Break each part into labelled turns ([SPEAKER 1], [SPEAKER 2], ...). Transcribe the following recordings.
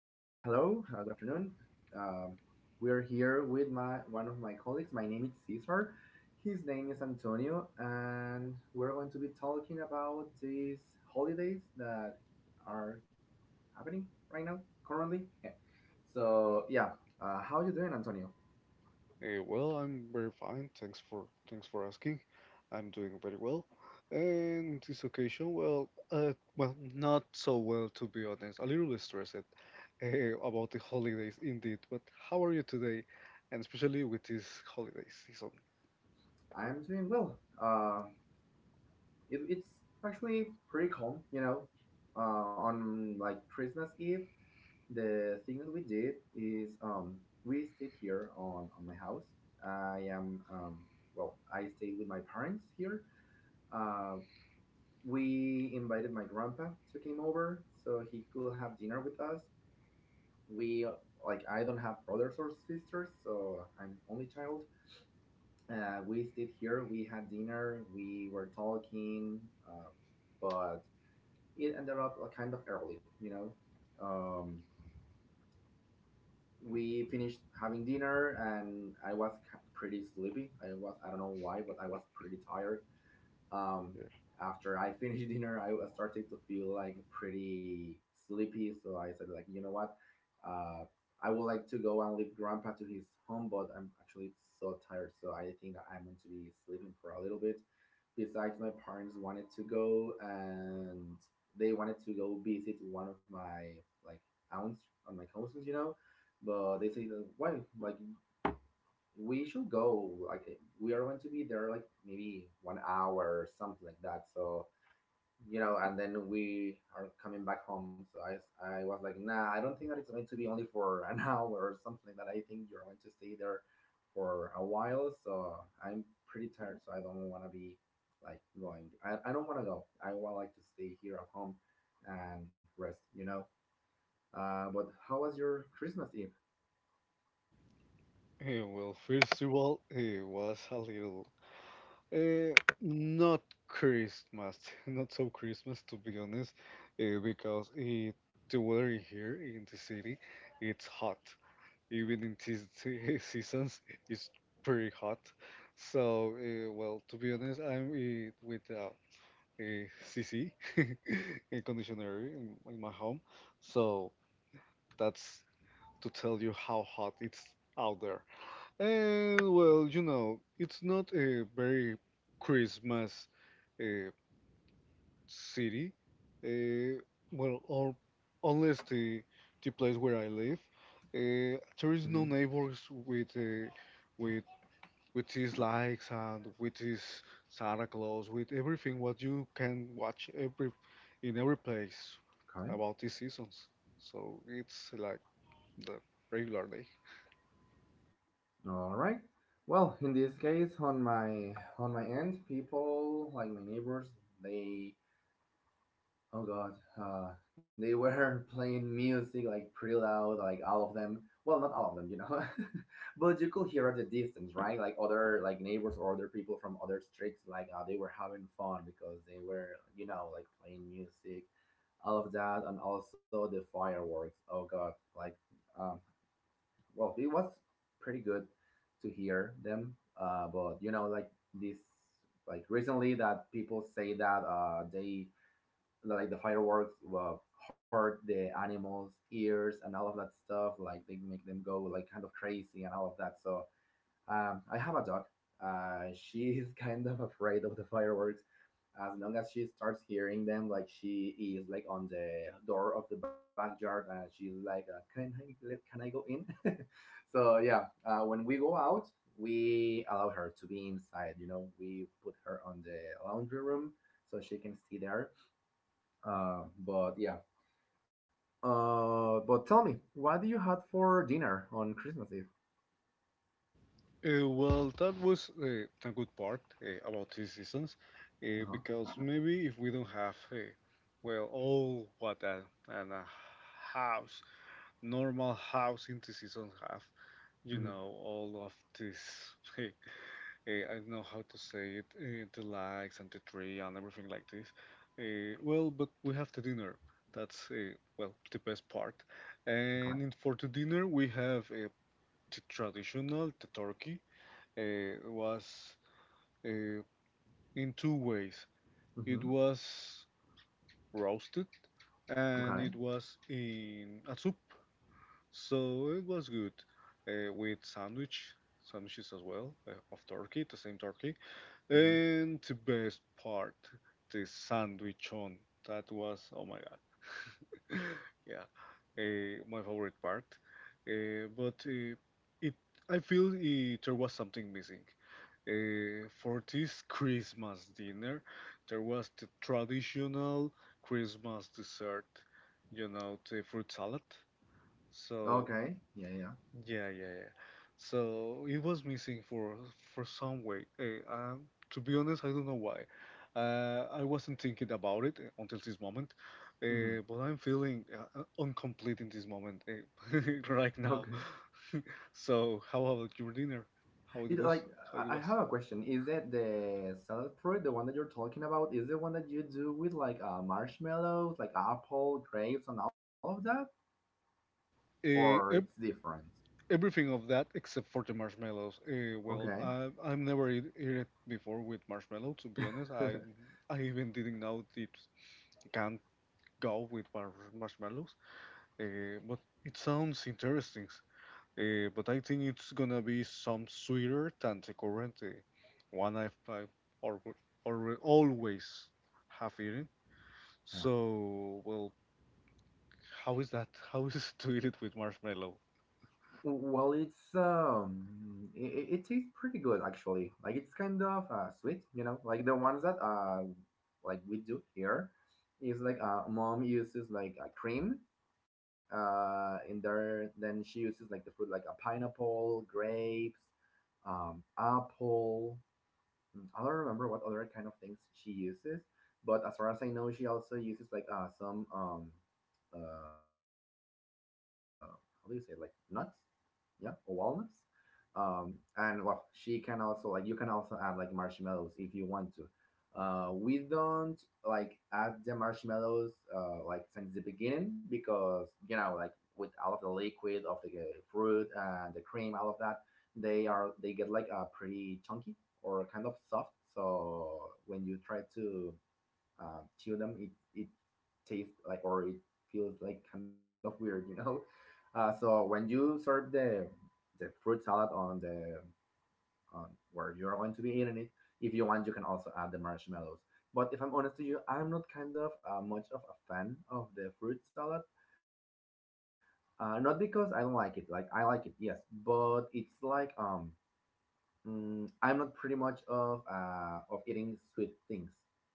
[SPEAKER 1] hello, good afternoon. Um, we're here with my one of my colleagues. My name is Cesar. His name is Antonio, and we're going to be talking about these holidays that are happening right now, currently. Yeah. So yeah, how are you doing, Antonio?
[SPEAKER 2] Well, I'm very fine. Thanks for asking. I'm doing very well. And this occasion, well, well, not so well to be honest. A little bit stressed about the holidays, indeed. But how are you today? And especially with this holiday season.
[SPEAKER 1] I'm doing well. It's actually pretty calm, you know. Uh, on like Christmas Eve, the thing that we did is we stayed here on my house. I am, um, well, I stayed with my parents here. Uh, we invited my grandpa to come over so he could have dinner with us. We, like, I don't have brothers or sisters, so I'm only child. We stayed here, we had dinner, we were talking, uh, but it ended up like, kind of early, you know. Um, we finished having dinner and pretty sleepy. I don't know why, but I was pretty tired um,
[SPEAKER 2] Yeah.
[SPEAKER 1] after I finished dinner, I was started to feel like pretty sleepy. So I said, like, you know what? Uh, I would like to go and leave Grandpa to his home, but I'm actually so tired. So I think that I'm going to be sleeping for a little bit. Besides, my parents wanted to go and they wanted to go visit one of my like aunts on my cousins, you know. But they say, that, why? Like we should go, like we are going to be there like maybe 1 hour or something like that, so you know, and then we are coming back home. So I was like, nah, I don't think that it's going to be only for an hour or something like that. I think you're going to stay there for a while, so I'm pretty tired, so I don't want to be like going, I don't want to go, I want like to stay here at home and rest, you know. But how was your Christmas Eve?
[SPEAKER 2] Well, first of all, it was a little not Christmas, not so Christmas to be honest, because the weather in here in the city, it's hot. Even in these seasons, it's pretty hot. So well, to be honest, I'm with a cc a conditioner in my home, so that's to tell you how hot it's out there. And, well, it's not a very Christmas uh, city. Uh, well, or unless the place where I live, there is no
[SPEAKER 1] Hmm.
[SPEAKER 2] neighbors with his likes and with his Santa Claus, with everything what you can watch every in every place
[SPEAKER 1] Okay.
[SPEAKER 2] about these seasons. So it's like the regular day.
[SPEAKER 1] All right. Well, in this case, on my end, people like my neighbors, they, oh god, uh, they were playing music like pretty loud, like all of them. Well, not all of them, you know, but you could hear at the distance, right? Like other like neighbors or other people from other streets, like they were having fun because they were, you know, like playing music, all of that, and also the fireworks. Oh god, like um, well, it was pretty good to hear them. But you know, like this, like recently that people say that they like the fireworks hurt the animals' ears and all of that stuff. Like they make them go like kind of crazy and all of that. So I have a dog. She is kind of afraid of the fireworks. As long as she starts hearing them, like she is like on the door of the backyard, and she's like, "Can I let, can I go in?" So yeah, when we go out, we allow her to be inside. You know, we put her on the laundry room so she can stay there. But yeah. But tell me, what do you had for dinner on Christmas Eve?
[SPEAKER 2] Well, that was a good part about these seasons,
[SPEAKER 1] Uh huh.
[SPEAKER 2] because maybe if we don't have, well, all what a house, normal house in the season have,
[SPEAKER 1] Mm-hmm.
[SPEAKER 2] all of this, uh, I don't know how to say it, the likes and the tree and everything like this. Well, but we have the dinner. That's, well, the best part.
[SPEAKER 1] Okay.
[SPEAKER 2] And for the dinner, we have the traditional, the turkey uh, was uh, in two ways. It
[SPEAKER 1] Mm-hmm.
[SPEAKER 2] was roasted and it
[SPEAKER 1] Okay.
[SPEAKER 2] was in a soup, so it was good with sandwiches as well of turkey, the same turkey,
[SPEAKER 1] Mm-hmm.
[SPEAKER 2] and the best part, the sandwich on. That was oh my god, yeah, my favorite part. But it, I feel there was something missing. For this Christmas dinner, there was the traditional Christmas dessert, the fruit salad.
[SPEAKER 1] Okay.
[SPEAKER 2] So
[SPEAKER 1] Yeah, yeah, yeah.
[SPEAKER 2] yeah, yeah, yeah. So it was missing for some way. To be honest, I don't know why. I wasn't thinking about it until this moment,
[SPEAKER 1] Mhm.
[SPEAKER 2] but I'm feeling incomplete in this moment right now.
[SPEAKER 1] Okay.
[SPEAKER 2] So how about your dinner? How it
[SPEAKER 1] It
[SPEAKER 2] was?
[SPEAKER 1] like
[SPEAKER 2] How it
[SPEAKER 1] I
[SPEAKER 2] was?
[SPEAKER 1] have a question. Is that the salad fruit, the one that you're talking about, is the one that you do with like marshmallows, like apple, grapes, and all of that, or
[SPEAKER 2] Uh,
[SPEAKER 1] it's
[SPEAKER 2] ev-
[SPEAKER 1] different?
[SPEAKER 2] Everything of that except for the marshmallows. Well,
[SPEAKER 1] Okay.
[SPEAKER 2] I've never eat it before with marshmallow. To be honest, I I even didn't know it go with marshmallows. But it sounds interesting. But I think it's gonna be some sweeter than the current one I've or, or always have eaten.
[SPEAKER 1] Yeah.
[SPEAKER 2] So, well, how is that? How is it to eat it with marshmallow?
[SPEAKER 1] Well, it's it tastes pretty good actually. Like it's kind of sweet, you know. Like the ones that like we do here, is like mom uses like a cream, in there. Then she uses like the fruit like a pineapple, grapes, apple. Mm, I don't remember what other kind of things she uses, but as far as I know, she also uses like some uh, how do you say, like nuts? Yeah, or walnuts um and well she can also, like you can also add like marshmallows if you want to. We don't like add the marshmallows like since the beginning, because you know, like with all of the liquid of the fruit and the cream, all of that, they get like a pretty chunky or kind of soft, so when you try to chew them, it tastes like, or it feels like kind of weird, you know. So when you serve the fruit salad on where you're going to be eating it, if you want, you can also add the marshmallows. But if I'm honest to you, I'm not kind of much of a fan of the fruit salad. Not because I don't like it. Like I like it, yes, but it's like mm, I'm not pretty much of eating sweet things, you know,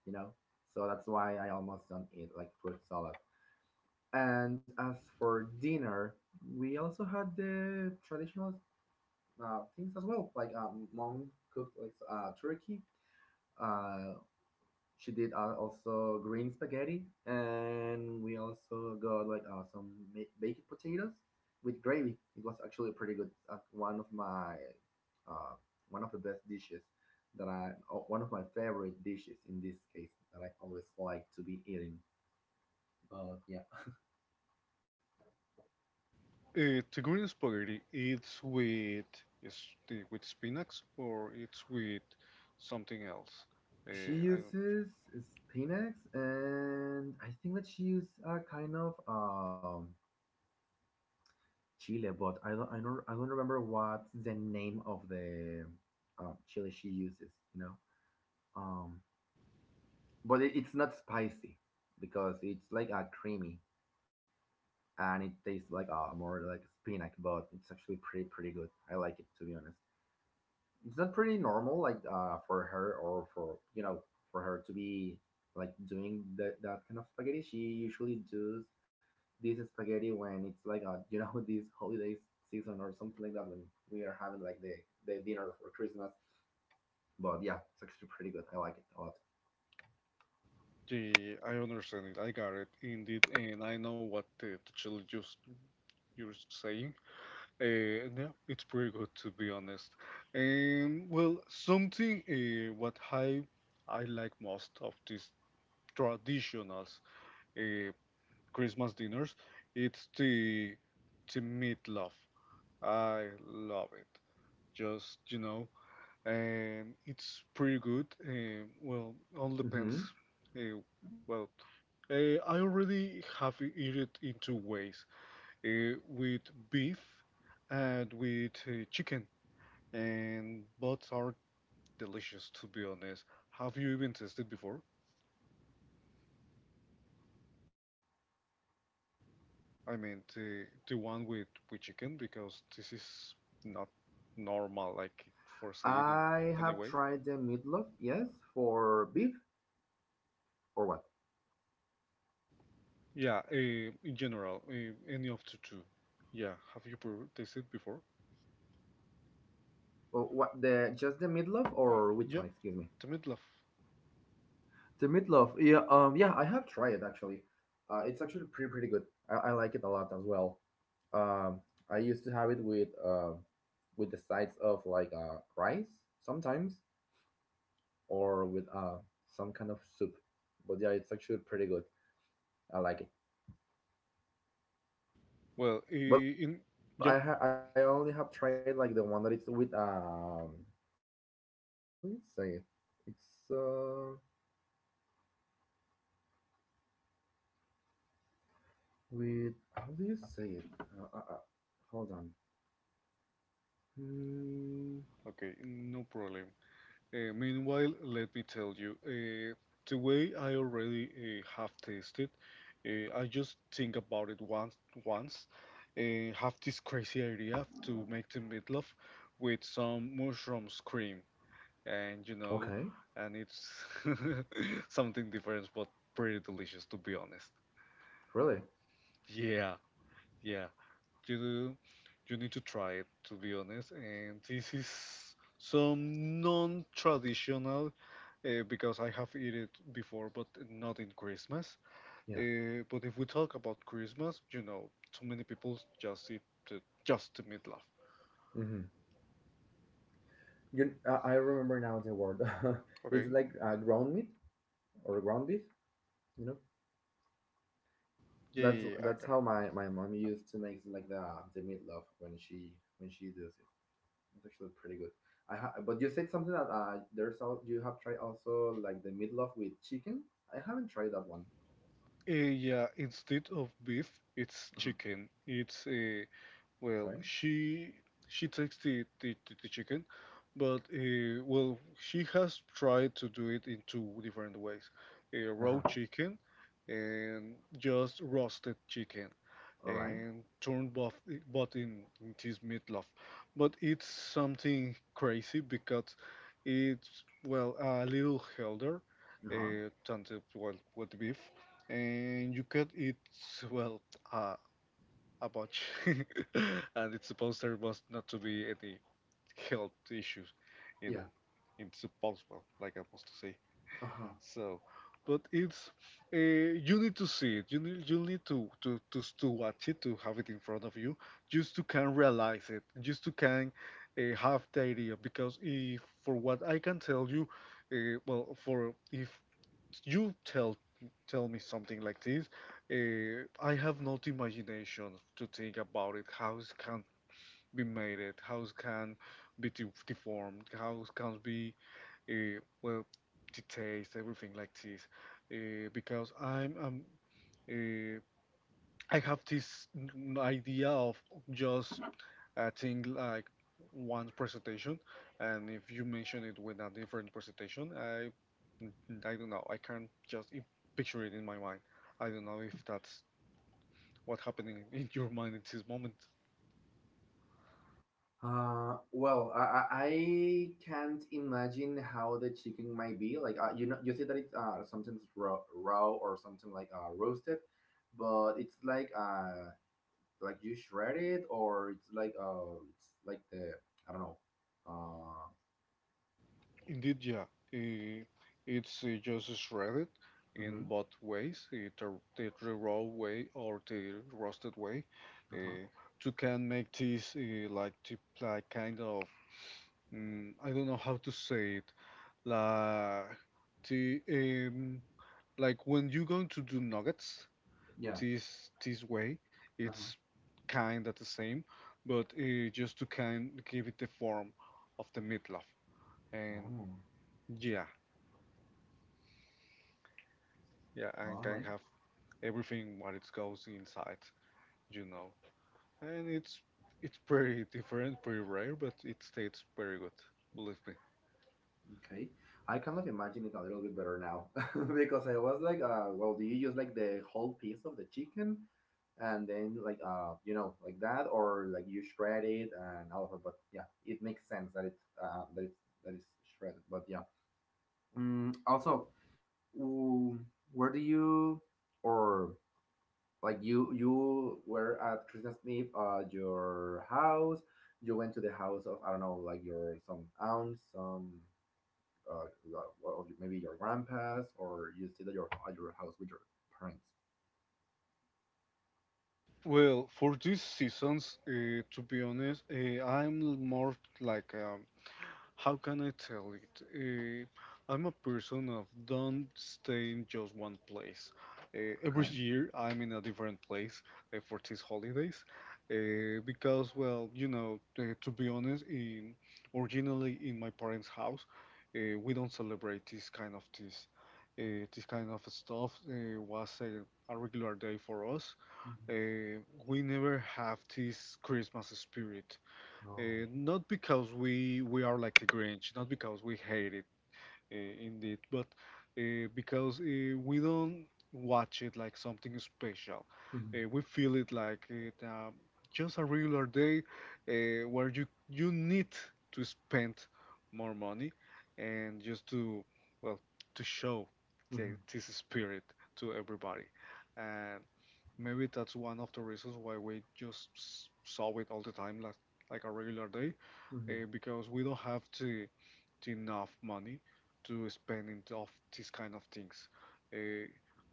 [SPEAKER 1] so that's why I almost don't eat like fruit salad. And as for dinner, we also had the traditional things as well, like mom cooked like turkey, uh, she did also green spaghetti, and we also got like baked potatoes with gravy. It was actually pretty good. Uh, One of the best dishes that one of my favorite dishes in this case that I always like to be eating. But yeah,
[SPEAKER 2] The green spaghetti, it's is with spinach or it's with something else.
[SPEAKER 1] she
[SPEAKER 2] I don't.
[SPEAKER 1] uses spinach, and I think that she used a kind of Chile, but I don't remember what's the name of the chili she uses. You know, um, but it's not spicy because it's like a creamy and it tastes like a more like spinach, but it's actually pretty pretty good. I like it, to be honest. Is that pretty normal, like for her, or for you know, for her to be like doing that kind of spaghetti? She usually does this spaghetti when it's like you know, this holiday season or something like that, when we are having like the dinner for Christmas. But yeah, it's actually pretty good, I like it a lot.
[SPEAKER 2] Yeah, I understand it. I got it indeed, and I know what the chili juice you're saying. No, it's pretty good to be honest. Well, something what I like most of these traditional uh, Christmas dinners, it's the meatloaf. I love it. Just and it's pretty good. Well,
[SPEAKER 1] Hmm.
[SPEAKER 2] all depends. Uh, well, I already have eat it in two ways with beef and with chicken, and both are delicious to be honest. Have you even tasted before? I mean, the one with chicken because this is not
[SPEAKER 1] I have
[SPEAKER 2] normal,
[SPEAKER 1] tried the
[SPEAKER 2] like
[SPEAKER 1] meatloaf,
[SPEAKER 2] for say
[SPEAKER 1] yes.
[SPEAKER 2] it in any
[SPEAKER 1] For
[SPEAKER 2] way.
[SPEAKER 1] beef or what?
[SPEAKER 2] Yeah, in general, any of the two. Yeah, have you tasted before?
[SPEAKER 1] Or what, the just the meatloaf or which one, excuse me?
[SPEAKER 2] Yeah, the meatloaf.
[SPEAKER 1] The meatloaf. Yeah, yeah, I have tried it actually. It's actually pretty pretty good. I like it a lot as well. Um, I used to have it with the sides of like rice sometimes, or with some kind of soup. But yeah, it's actually pretty good. I like it.
[SPEAKER 2] Well,
[SPEAKER 1] I
[SPEAKER 2] in
[SPEAKER 1] only have
[SPEAKER 2] yeah,
[SPEAKER 1] tried like the one that it's with how do you say it? It's with how do you say it? Hold on. Hmm.
[SPEAKER 2] okay, no problem. Meanwhile, let me tell you, the way I already have tasted, I just think about it once, have this crazy idea to make the meatloaf with some mushrooms cream, and you
[SPEAKER 1] Okay.
[SPEAKER 2] know, and it's something different but pretty delicious to be honest.
[SPEAKER 1] Really?
[SPEAKER 2] Yeah, yeah. You do, you need to try it to be honest. And this is some non-traditional because I have eaten it before, but not in Christmas.
[SPEAKER 1] Yeah.
[SPEAKER 2] But if we talk about Christmas, so many people just eat just the meatloaf.
[SPEAKER 1] Hmm. You, I remember now the word. It's
[SPEAKER 2] Okay.
[SPEAKER 1] like ground meat or ground beef. You know,
[SPEAKER 2] Yeah,
[SPEAKER 1] that's
[SPEAKER 2] yeah, yeah, I
[SPEAKER 1] that's
[SPEAKER 2] got it.
[SPEAKER 1] how my, my mom used to make like the meatloaf when she does it. It's actually pretty good. But you said something that there's all you have tried also like the meatloaf with chicken. I haven't tried that one.
[SPEAKER 2] Yeah, instead of beef, it's
[SPEAKER 1] Uh-huh.
[SPEAKER 2] chicken. It's Well,
[SPEAKER 1] Okay.
[SPEAKER 2] she takes the chicken, but well, she has tried to do it in two different ways:
[SPEAKER 1] Uh
[SPEAKER 2] raw
[SPEAKER 1] huh.
[SPEAKER 2] chicken and just roasted chicken,
[SPEAKER 1] All right.
[SPEAKER 2] and turned both in this meatloaf. But it's something crazy because it's well a little healthier
[SPEAKER 1] Uh huh.
[SPEAKER 2] than the well, with beef, and you can eat well a a bunch, and it's supposed there must not to be any health issues in
[SPEAKER 1] Yeah.
[SPEAKER 2] in supposed well, like I must say.
[SPEAKER 1] Uh huh.
[SPEAKER 2] So, but it's you need to see it. You need to watch it to have it in front of you, just to can realize it, just to can have the idea. Because if for what I can tell you, well, for if you tell me something like this. I have not imagination to think about it. How it can be made it? How it can be deformed? How it can be well the everything like this? Because uh, I have this idea of just a thing like one presentation, and if you mention it with a different presentation, I don't know. I can't just picture it in my mind. I don't know if that's what's happening in your mind at this moment.
[SPEAKER 1] Well, I can't imagine how the chicken might be. Like, you know, you say that it's sometimes raw, raw, or something like roasted, but it's like you shred it, or it's like the I don't know. Uh,
[SPEAKER 2] Indeed, yeah. Uh, It's just shredded in
[SPEAKER 1] mm-hmm,
[SPEAKER 2] both ways, the raw way or the roasted way.
[SPEAKER 1] uh-huh,
[SPEAKER 2] Uh, to can make this like to like kind of I don't know how to say it. Like the like when you're going to do nuggets
[SPEAKER 1] yeah,
[SPEAKER 2] this way,
[SPEAKER 1] uh-huh.
[SPEAKER 2] it's kind of the same, but just to kind give it the form of the meatloaf. And
[SPEAKER 1] Oh,
[SPEAKER 2] yeah, yeah, and
[SPEAKER 1] all
[SPEAKER 2] can
[SPEAKER 1] right.
[SPEAKER 2] have everything what it goes inside, you know. And it's pretty different, pretty rare, but it tastes very good. Believe me.
[SPEAKER 1] Okay, I kind of imagine it a little bit better now because I was like, well, do you use like the whole piece of the chicken and then like you know, like that, or like you shred it and all of it? But yeah, it makes sense that it that it's that is shredded. But yeah, also, mm, where do you, or like you were at Christmas Eve at your house? You went to the house of, I don't know, like your some aunts, some or maybe your grandparents, or you stayed at your house with your parents.
[SPEAKER 2] Well, for these seasons, to be honest, I'm more like, how can I tell it? I'm a person of don't stay in just one place. Every
[SPEAKER 1] Okay.
[SPEAKER 2] year, I'm in a different place for these holidays, because, well, to be honest, in originally in my parents' house, we don't celebrate this kind of this. This kind of stuff was a regular day for us
[SPEAKER 1] Mm-hmm.
[SPEAKER 2] we never have this Christmas spirit.
[SPEAKER 1] Oh.
[SPEAKER 2] Not because we are like the Grinch, not because we hate it, indeed. But because we don't watch it like something special,
[SPEAKER 1] Mm-hmm.
[SPEAKER 2] we feel it like it just a regular day where you need to spend more money and just to well to show
[SPEAKER 1] Mm-hmm.
[SPEAKER 2] this spirit to everybody. And maybe that's one of the reasons why we just saw it all the time like a regular day because we don't have to enough money to spend in of these kind of things uh,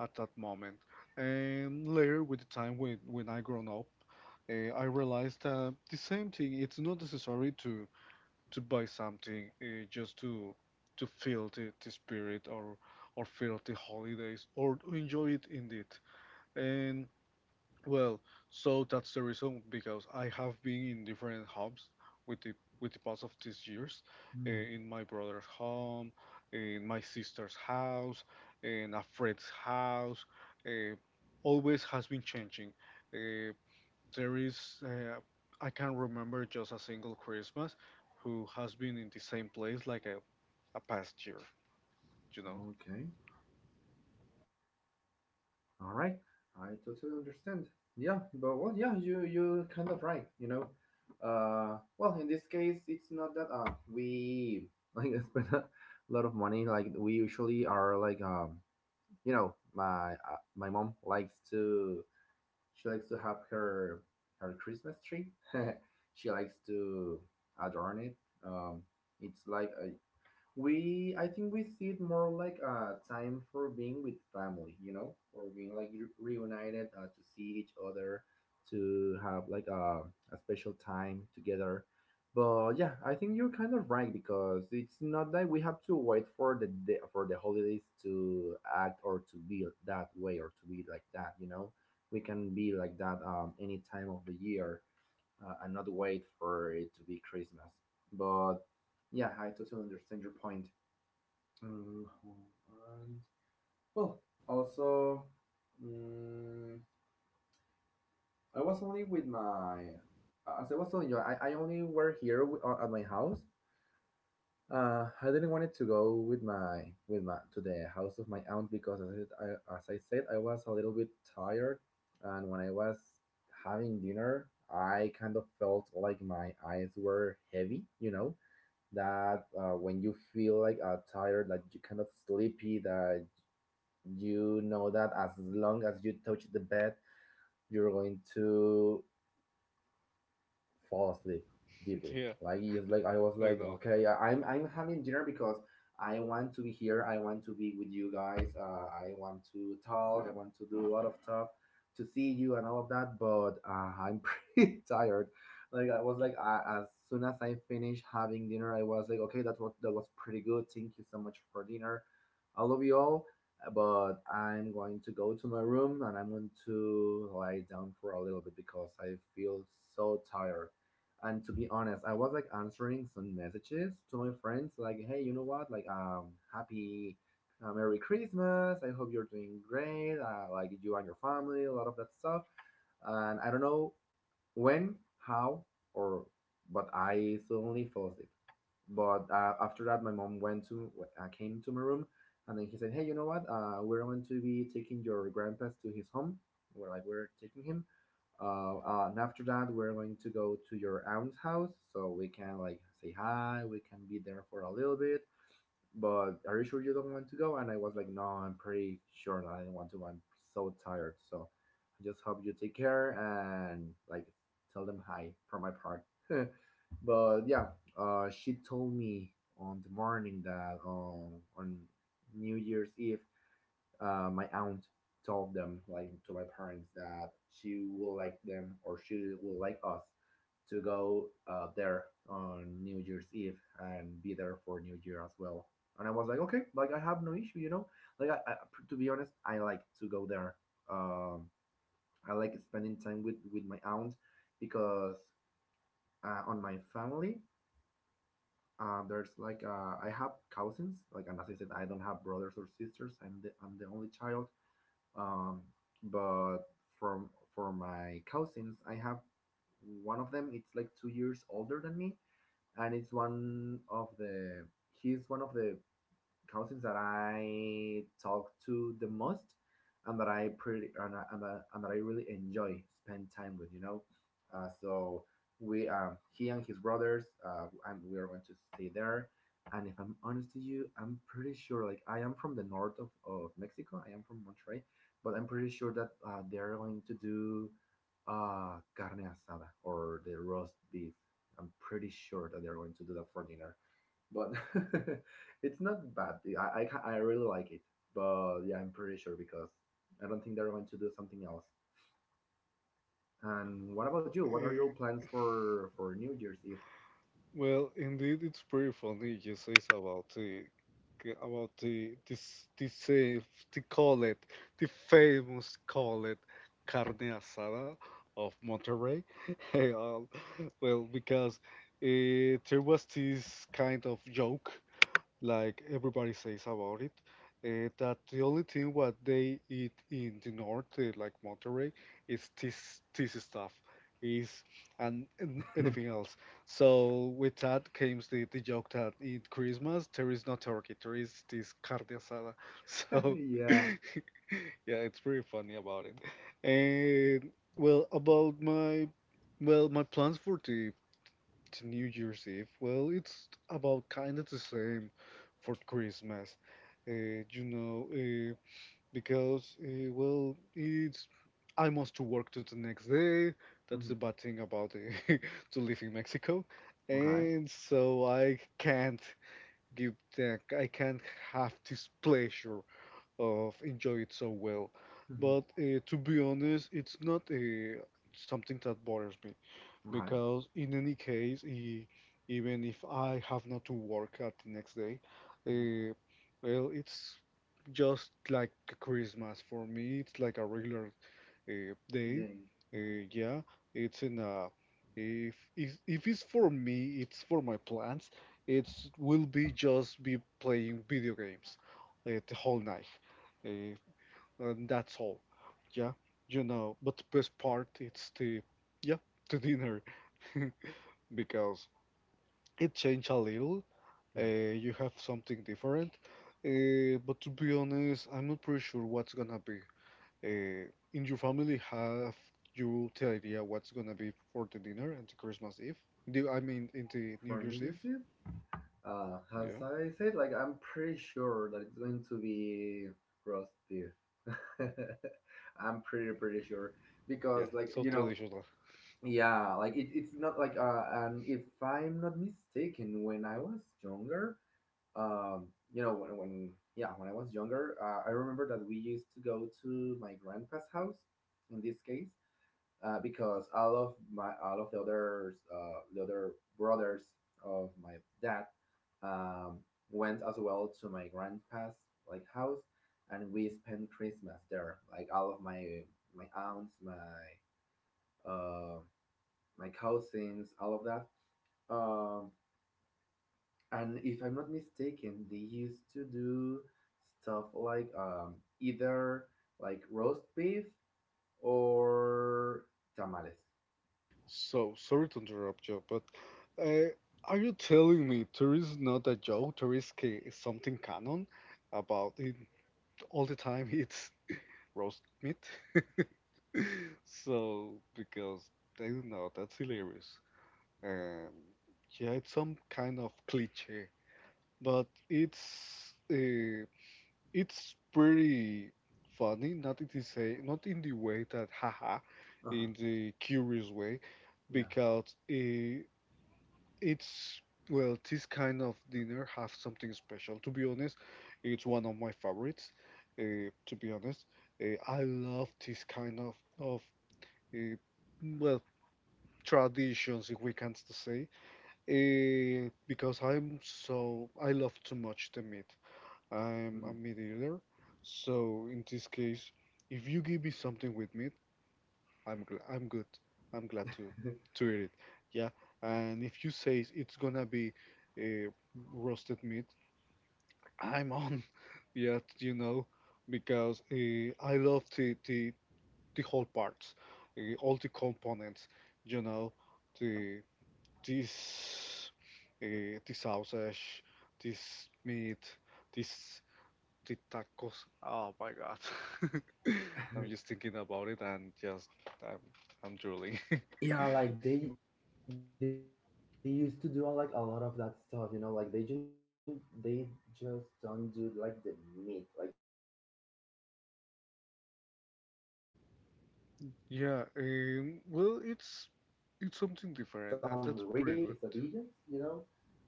[SPEAKER 2] at that moment. And later, with the time when I grown up, I realized that the same thing. It's not necessary to buy something just to feel the spirit or feel the holidays or enjoy it indeed. And well, so that's the reason because I have been in different hubs with the past of these years,
[SPEAKER 1] Mm-hmm.
[SPEAKER 2] in my brother's home, in my sister's house, in a friend's house. Uh, Always has been changing. Uh, there is I can not remember just a single Christmas who has been in the same place like a past year, you know?
[SPEAKER 1] Okay. All right. I totally understand. Yeah, but well, yeah, you kind of right. You know, well, in this case, it's not that we like spend a lot of money. Like we usually are like you know, my my mom likes to, she likes to have her her Christmas tree. She likes to adorn it. Um, it's like we I think we see it more like a time for being with family, you know, or being like reunited, to see each other, to have like a special time together. But yeah, I think you're kind of right, because it's not that we have to wait for the day, for the holidays to act or to be that way or to be like that. We can be like that any time of the year, and not wait for it to be Christmas. But yeah, I totally understand your point. Mm, and- well, also, mm, I was only as I was telling you, I only were here with, at my house. I didn't wanted to go with my to the house of my aunt, because as I said, I was a little bit tired, and when I was having dinner, I kind of felt like my eyes were heavy. You know that, when you feel like, tired, that you kind of sleepy, that you know that as long as you touch the bed, you're going to fall asleep deeply.
[SPEAKER 2] Yeah.
[SPEAKER 1] Like, it's like I was
[SPEAKER 2] I
[SPEAKER 1] like,
[SPEAKER 2] know.
[SPEAKER 1] okay, I'm having dinner because I want to be here. I want to be with you guys. I want to talk. I want to do a lot of stuff, to see you and all of that. But I'm pretty tired. Like I was like, as soon as I finished having dinner, I was like, okay, that was pretty good. Thank you so much for dinner. I love you all, but I'm going to go to my room and I'm going to lie down for a little bit because I feel so tired. And to be honest, I was like answering some messages to my friends, like, "Hey, you know what? Like, happy, Merry Christmas. I hope you're doing great. Like, you and your family, a lot of that stuff." And I don't know when, how, or, but I suddenly fell asleep. But after that, my mom went to came to my room, and then he said, "Hey, you know what? We're going to be taking your grandpa to his home. We're taking him. And after that, we're going to go to your aunt's house, so we can like say hi. We can be there for a little bit, but are you sure you don't want to go?" And I was like, "No, I'm pretty sure that I don't want to. I'm so tired. So I just hope you take care, and like tell them hi from my part." But yeah, she told me on the morning that, on New Year's Eve, my aunt told them, like, to my parents, that she will like them, or she will like us to go, there on New Year's Eve and be there for New Year as well. And I was like, okay, like, I have no issue. Like, I to be honest, I like to go there. Um, I like spending time with my aunt, because on my family, there's like I have cousins. Like, and as I said, I don't have brothers or sisters. I'm the only child. Um, but from for my cousins, I have one of them. It's like 2 years older than me, and it's one of the he's one of the cousins that I talk to the most, and that I pretty and, I- and that I really enjoy spend time with. So we He and his brothers, and we are going to stay there. And if I'm honest to you, I'm pretty sure, like, I am from the north of Mexico. I am from Monterrey, but I'm pretty sure that they're going to do, carne asada, or the roast beef. I'm pretty sure that they're going to do that for dinner, but it's not bad. I really like it, but yeah, I'm pretty sure, because I don't think they're going to do something else. And what about you? What are
[SPEAKER 2] Eh,
[SPEAKER 1] your plans for New Year's Eve?
[SPEAKER 2] Well, indeed, it's pretty funny you say it's about the this this the it the famous it carne asada of Monterrey. Hey, well, because there was this kind of joke like everybody says about it, that the only thing what they eat in the north, like Monterrey, is this stuff, is and anything else. So with that comes the joke that in Christmas there is no turkey, there is this carne asada. So yeah,
[SPEAKER 1] Yeah.
[SPEAKER 2] it's pretty funny about it. And well, about my plans for the to New Year's Eve, well, it's about kind of the same for Christmas, uh, you know, uh, because, well, it's I must to work to the next day. That's the
[SPEAKER 1] Hmm.
[SPEAKER 2] bad thing about to live in Mexico,
[SPEAKER 1] Okay.
[SPEAKER 2] and so I can't have this pleasure of enjoy it so well.
[SPEAKER 1] Hmm.
[SPEAKER 2] But to be honest, it's not something that bothers me
[SPEAKER 1] Okay.
[SPEAKER 2] because in any case, even if I have not to work at the next day,
[SPEAKER 1] Hmm.
[SPEAKER 2] uh, well, it's just like Christmas for me. It's like a regular day.
[SPEAKER 1] Dang. Hmm.
[SPEAKER 2] Yeah, it's in a if it's for me, it's for my plans. It will be just be playing video games the whole night. Uh, and that's all. Yeah, you know. But the best part it's the yeah the dinner because it changed a little.
[SPEAKER 1] Yeah.
[SPEAKER 2] Uh, you have something different. But to be honest, I'm not pretty sure what's gonna be. Uh, in your family, have you the idea what's gonna be for the dinner and the Christmas Eve? Do I mean in the
[SPEAKER 1] For
[SPEAKER 2] New
[SPEAKER 1] New
[SPEAKER 2] Year's
[SPEAKER 1] Year's
[SPEAKER 2] Eve?
[SPEAKER 1] Eve, as
[SPEAKER 2] Yeah,
[SPEAKER 1] I said, like, I'm pretty sure that it's going to be roast beef. I'm pretty, pretty sure, because
[SPEAKER 2] yeah,
[SPEAKER 1] like,
[SPEAKER 2] so traditional.
[SPEAKER 1] yeah, like it's not like, and if I'm not mistaken, when I was younger, um, you know, when, when yeah, when I was younger, I remember that we used to go to my grandpa's house, in this case, because all of the others, the other brothers of my dad, um, went as well to my grandpa's like house, and we spent Christmas there. Like, all of my aunts, um my cousins, all of that. Um, and if I'm not mistaken, they used to do stuff like, either like roast beef or tamales.
[SPEAKER 2] So, sorry to interrupt you, but uh, are you telling me there is not a joke, there is something canon about it all the time it's roast meat? So, because I don't know, that's hilarious. Um, yeah, it's some kind of cliche, but it's pretty funny, not in the say, not in the way that haha,
[SPEAKER 1] Uh
[SPEAKER 2] in the curious way,
[SPEAKER 1] huh.
[SPEAKER 2] because it's well, this kind of dinner have something special. To be honest, it's one of my favorites. Uh, to be honest, I love this kind of uh, well traditions, if we can to say, because I love too much the meat.
[SPEAKER 1] Yeah.
[SPEAKER 2] I'm a meat eater, so in this case, if you give me something with meat, I'm good. I'm glad
[SPEAKER 1] Mhm.
[SPEAKER 2] to eat it. Yeah, and if you say it's gonna be uh, roasted meat, I'm on. Yeah, you know, because I love the the whole parts, all the components. You know, the this the sausage, this meat, this the tacos. Oh my God. I'm just thinking about it and just I'm I'm drooling.
[SPEAKER 1] Yeah, like they used to do, like, a lot of that stuff, like they just don't do like the meat. Like, it's like, they do some, like the different kind of meats, like, like maybe some
[SPEAKER 2] Yeah,
[SPEAKER 1] arrachera, some
[SPEAKER 2] well,
[SPEAKER 1] ribs, they
[SPEAKER 2] it's something
[SPEAKER 1] also do like
[SPEAKER 2] different, and
[SPEAKER 1] these,
[SPEAKER 2] that's
[SPEAKER 1] like the
[SPEAKER 2] pretty good.
[SPEAKER 1] quesadillas,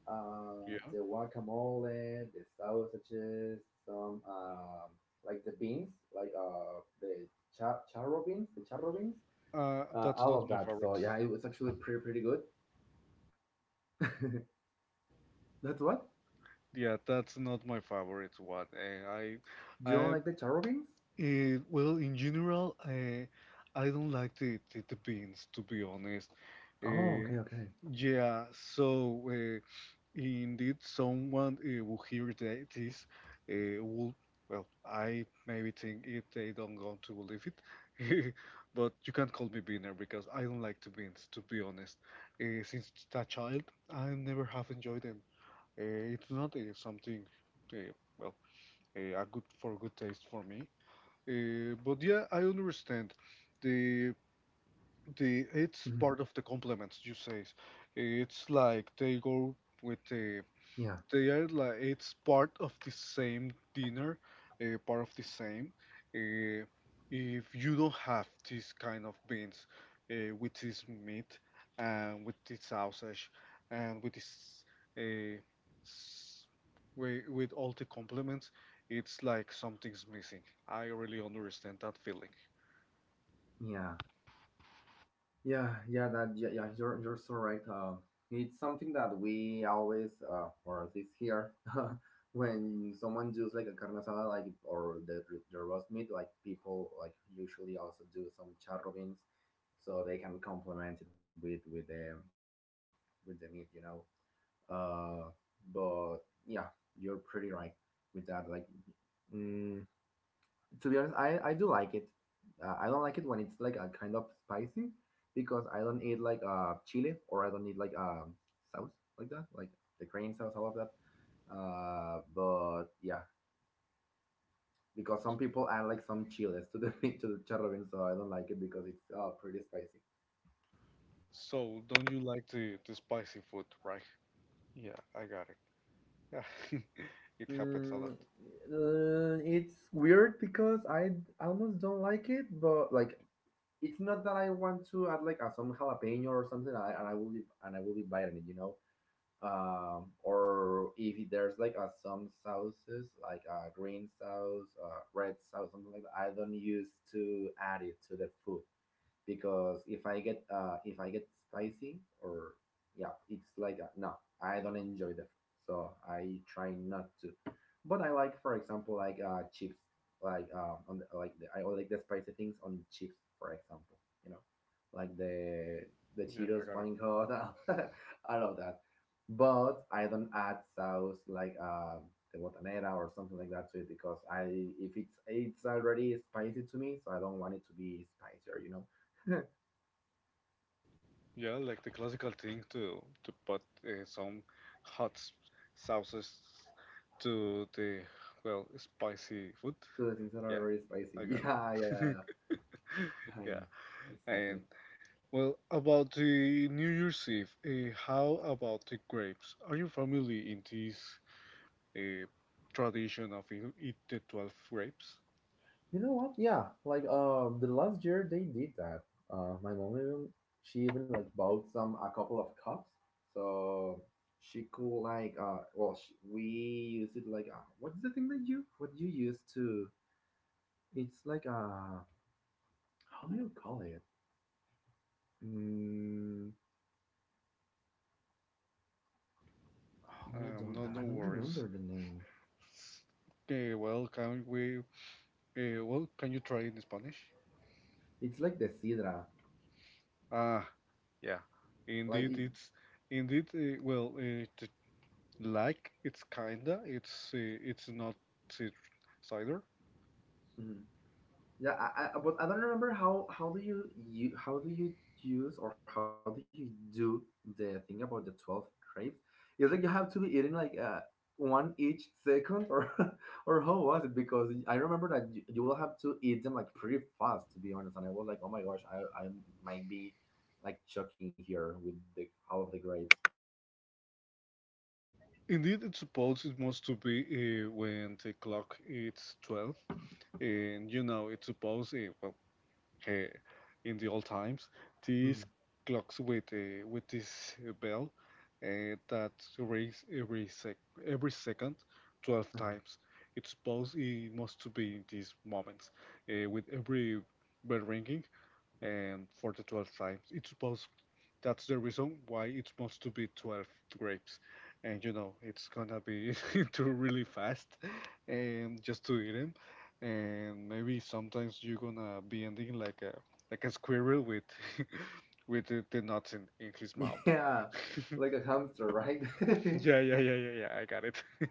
[SPEAKER 1] uh
[SPEAKER 2] Yeah,
[SPEAKER 1] the guacamole, the sausages, some, like the beans, like, the charro beans,
[SPEAKER 2] that's
[SPEAKER 1] all
[SPEAKER 2] not
[SPEAKER 1] of
[SPEAKER 2] my
[SPEAKER 1] that.
[SPEAKER 2] favorite.
[SPEAKER 1] So yeah, it was actually pretty, pretty good. That's what
[SPEAKER 2] Yeah, that's not my favorite one.
[SPEAKER 1] You don't
[SPEAKER 2] I,
[SPEAKER 1] like the charro beans?
[SPEAKER 2] well, in general, I don't like the beans, to be honest.
[SPEAKER 1] Oh,
[SPEAKER 2] Uh,
[SPEAKER 1] okay, okay.
[SPEAKER 2] yeah, so indeed, someone will hear that uh, will, I maybe think if they don't want to believe it, but you can't call me beaner because I don't like to beans, to be honest. Since that child, I never have enjoyed them. It's not something, uh, well, a good for good taste for me. But yeah, I understand. The
[SPEAKER 1] Mhm.
[SPEAKER 2] the it's part of the compliments you say. It's like they go with
[SPEAKER 1] Yeah,
[SPEAKER 2] the they are like it's part of the same dinner, part of the same. Uh, if you don't have this kind of beans with this meat and with this sausage and with this uh, s- with all the compliments, it's like something's missing. I really understand that feeling.
[SPEAKER 1] yeah, yeah, yeah. That Yeah, yeah. You're so right. It's something that we always, or at least here, when someone does like a carne asada, like, or the roast meat, like, people like usually also do some charro beans, so they can complement it with with the meat, you know. Uh, but yeah, you're pretty right with that. Like, mm, to be honest, I do like it. I don't like it when it's like a kind of spicy, because I don't eat like chili, or I don't eat like sauce like that, like the crane sauce, all of that. But yeah, because some people add like some chiles to the to the charro bean, so I don't like it because it's, pretty spicy.
[SPEAKER 2] So don't you like the spicy food, right? Yeah, I got it. Yeah, it happens a lot.
[SPEAKER 1] Mm, it's weird because almost don't like it, but like, it's not that I want to add like some jalapeno or something, and I will be and I will be biting it. Or if there's like some sauces, like a green sauce, red sauce, something like that, I don't use to add it to the food, because if I get spicy, or yeah, it's like no, I don't enjoy the food, so I try not to. But I like, for example, like, chips, like, on the, like the, I like the spicy things on chips, for example, you know, like the
[SPEAKER 2] Yeah, I
[SPEAKER 1] Cheetos
[SPEAKER 2] got it.
[SPEAKER 1] flaming hot, I love that. But I don't add sauce like, the botanera or something like that to it because, I if it's it's already spicy to me, so I don't want it to be spicier. So,
[SPEAKER 2] Yeah, like the classical thing to put some hot s- sauces to the well spicy food.
[SPEAKER 1] the things that are
[SPEAKER 2] Yeah,
[SPEAKER 1] really spicy.
[SPEAKER 2] I got
[SPEAKER 1] Yeah, yeah, yeah,
[SPEAKER 2] it.
[SPEAKER 1] yeah, yeah, yeah.
[SPEAKER 2] Yeah,
[SPEAKER 1] Exactly.
[SPEAKER 2] and well about the New Year's Eve, how about the grapes? Are you familiar in this uh, tradition of you eat the 12 grapes?
[SPEAKER 1] You know what? Yeah, like, the last year they did that. My mom even, she even like bought some a couple of cups, so she could like, well, we use it like, what is the thing that you what you use to? It's like, how do you call it? Mm, hold on,
[SPEAKER 2] No, no
[SPEAKER 1] I don't
[SPEAKER 2] worries.
[SPEAKER 1] remember the name.
[SPEAKER 2] Okay, well, can we? Well, can you try in Spanish?
[SPEAKER 1] It's like the sidra,
[SPEAKER 2] Ah, yeah,
[SPEAKER 1] like
[SPEAKER 2] indeed,
[SPEAKER 1] it,
[SPEAKER 2] it's indeed well, t- like it's kinda, it's not ci- cider.
[SPEAKER 1] mm, Yeah, but I don't remember how do you use, or how do you do the thing about the 12 grapes? It's like you have to be eating like, one each second, or or how was it? Because I remember that you will have to eat them like pretty fast, to be honest. And I was like, oh my gosh, I might be like choking here with the all of the grapes.
[SPEAKER 2] Indeed, it's supposed it must to be when the clock it's 12, and you know it's supposed uh, in the old times, these
[SPEAKER 1] Hmm.
[SPEAKER 2] clocks with this bell that rings every sec every second 12 times. It's supposed it must to be in these moments with every bell ringing and for the 12 times. It's supposed that's the reason why it must to be 12 grapes. And you know, it's gonna be too really fast and just to eat them. And maybe sometimes you're gonna be ending like a squirrel with with the nuts in his mouth.
[SPEAKER 1] Yeah, like a hamster, right?
[SPEAKER 2] yeah, yeah, yeah, yeah, yeah, I got it.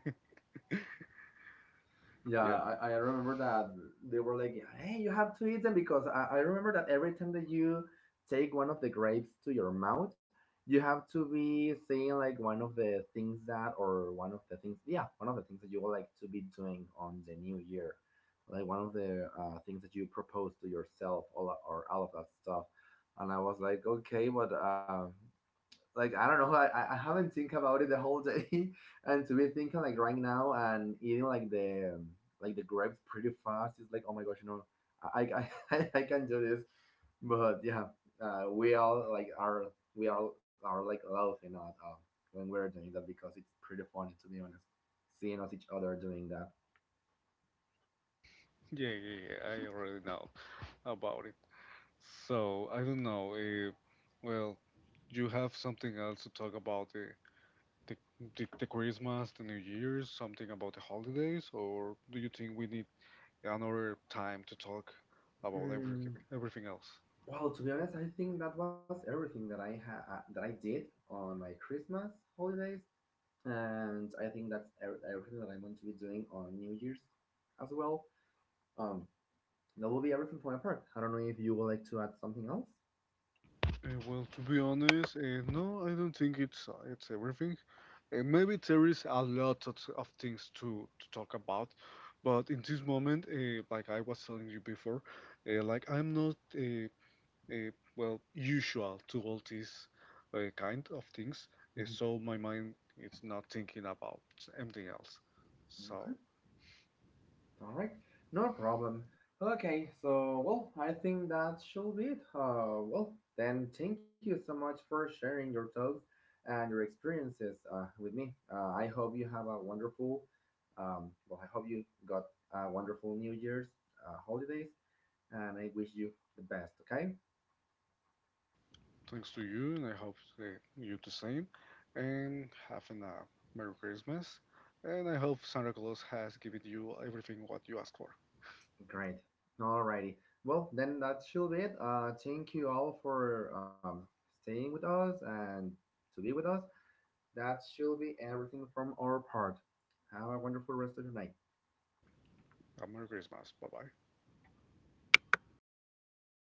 [SPEAKER 2] Yeah.
[SPEAKER 1] Yeah, I remember that they were like, "Hey, you have to eat them," because I remember that every time that you take one of the grapes to your mouth, you have to be saying, like, one of the things that, or one of the things, yeah, one of the things that you would like to be doing on the new year, like one of the, things that you propose to yourself, all of that stuff. And I was like, okay, but, like, I don't know. I haven't think about it the whole day, and to be thinking like right now, and eating like the, like the grapes pretty fast, is like, oh my gosh, no, I I can do this. But yeah, we all like are we all are like laughing at uh, when we're doing that, because it's pretty funny, to be honest, seeing us each other doing that.
[SPEAKER 2] Yeah, yeah, yeah, I already know about it. So I don't know. Well, you have something else to talk about the, the Christmas, the New Year's, something about the holidays, or do you think we need another time to talk about everything,
[SPEAKER 1] Mm,
[SPEAKER 2] everything else?
[SPEAKER 1] well, to be honest, I think that was everything that I did on my Christmas holidays. And I think that's everything that I'm going to be doing on New Year's as well. Um, that will be everything for my part. I don't know if you would like to add something else.
[SPEAKER 2] Well, to be honest, no, I don't think it's everything. Maybe there is a lot of things to talk about, but in this moment, like I was telling you before, like I'm not uh, well usual to all these kind of things
[SPEAKER 1] Mm-hmm.
[SPEAKER 2] so my mind is not thinking about anything else
[SPEAKER 1] Okay.
[SPEAKER 2] so
[SPEAKER 1] All right. No problem. Okay. So, well, I think that should be it. Well, then thank you so much for sharing your thoughts and your experiences, with me. I hope you have a wonderful. Well, I hope you got a wonderful New Year's, holidays, and I wish you the best. Okay.
[SPEAKER 2] thanks to you and I hope you the same and having a merry christmas and I hope santa claus has given you everything what you asked for
[SPEAKER 1] Great. Alrighty. Well, then that should be it. Thank you all for, staying with us and to be with us. That should be everything from our part. Have a wonderful rest of your night.
[SPEAKER 2] a merry christmas bye bye
[SPEAKER 1] Y lo llamamos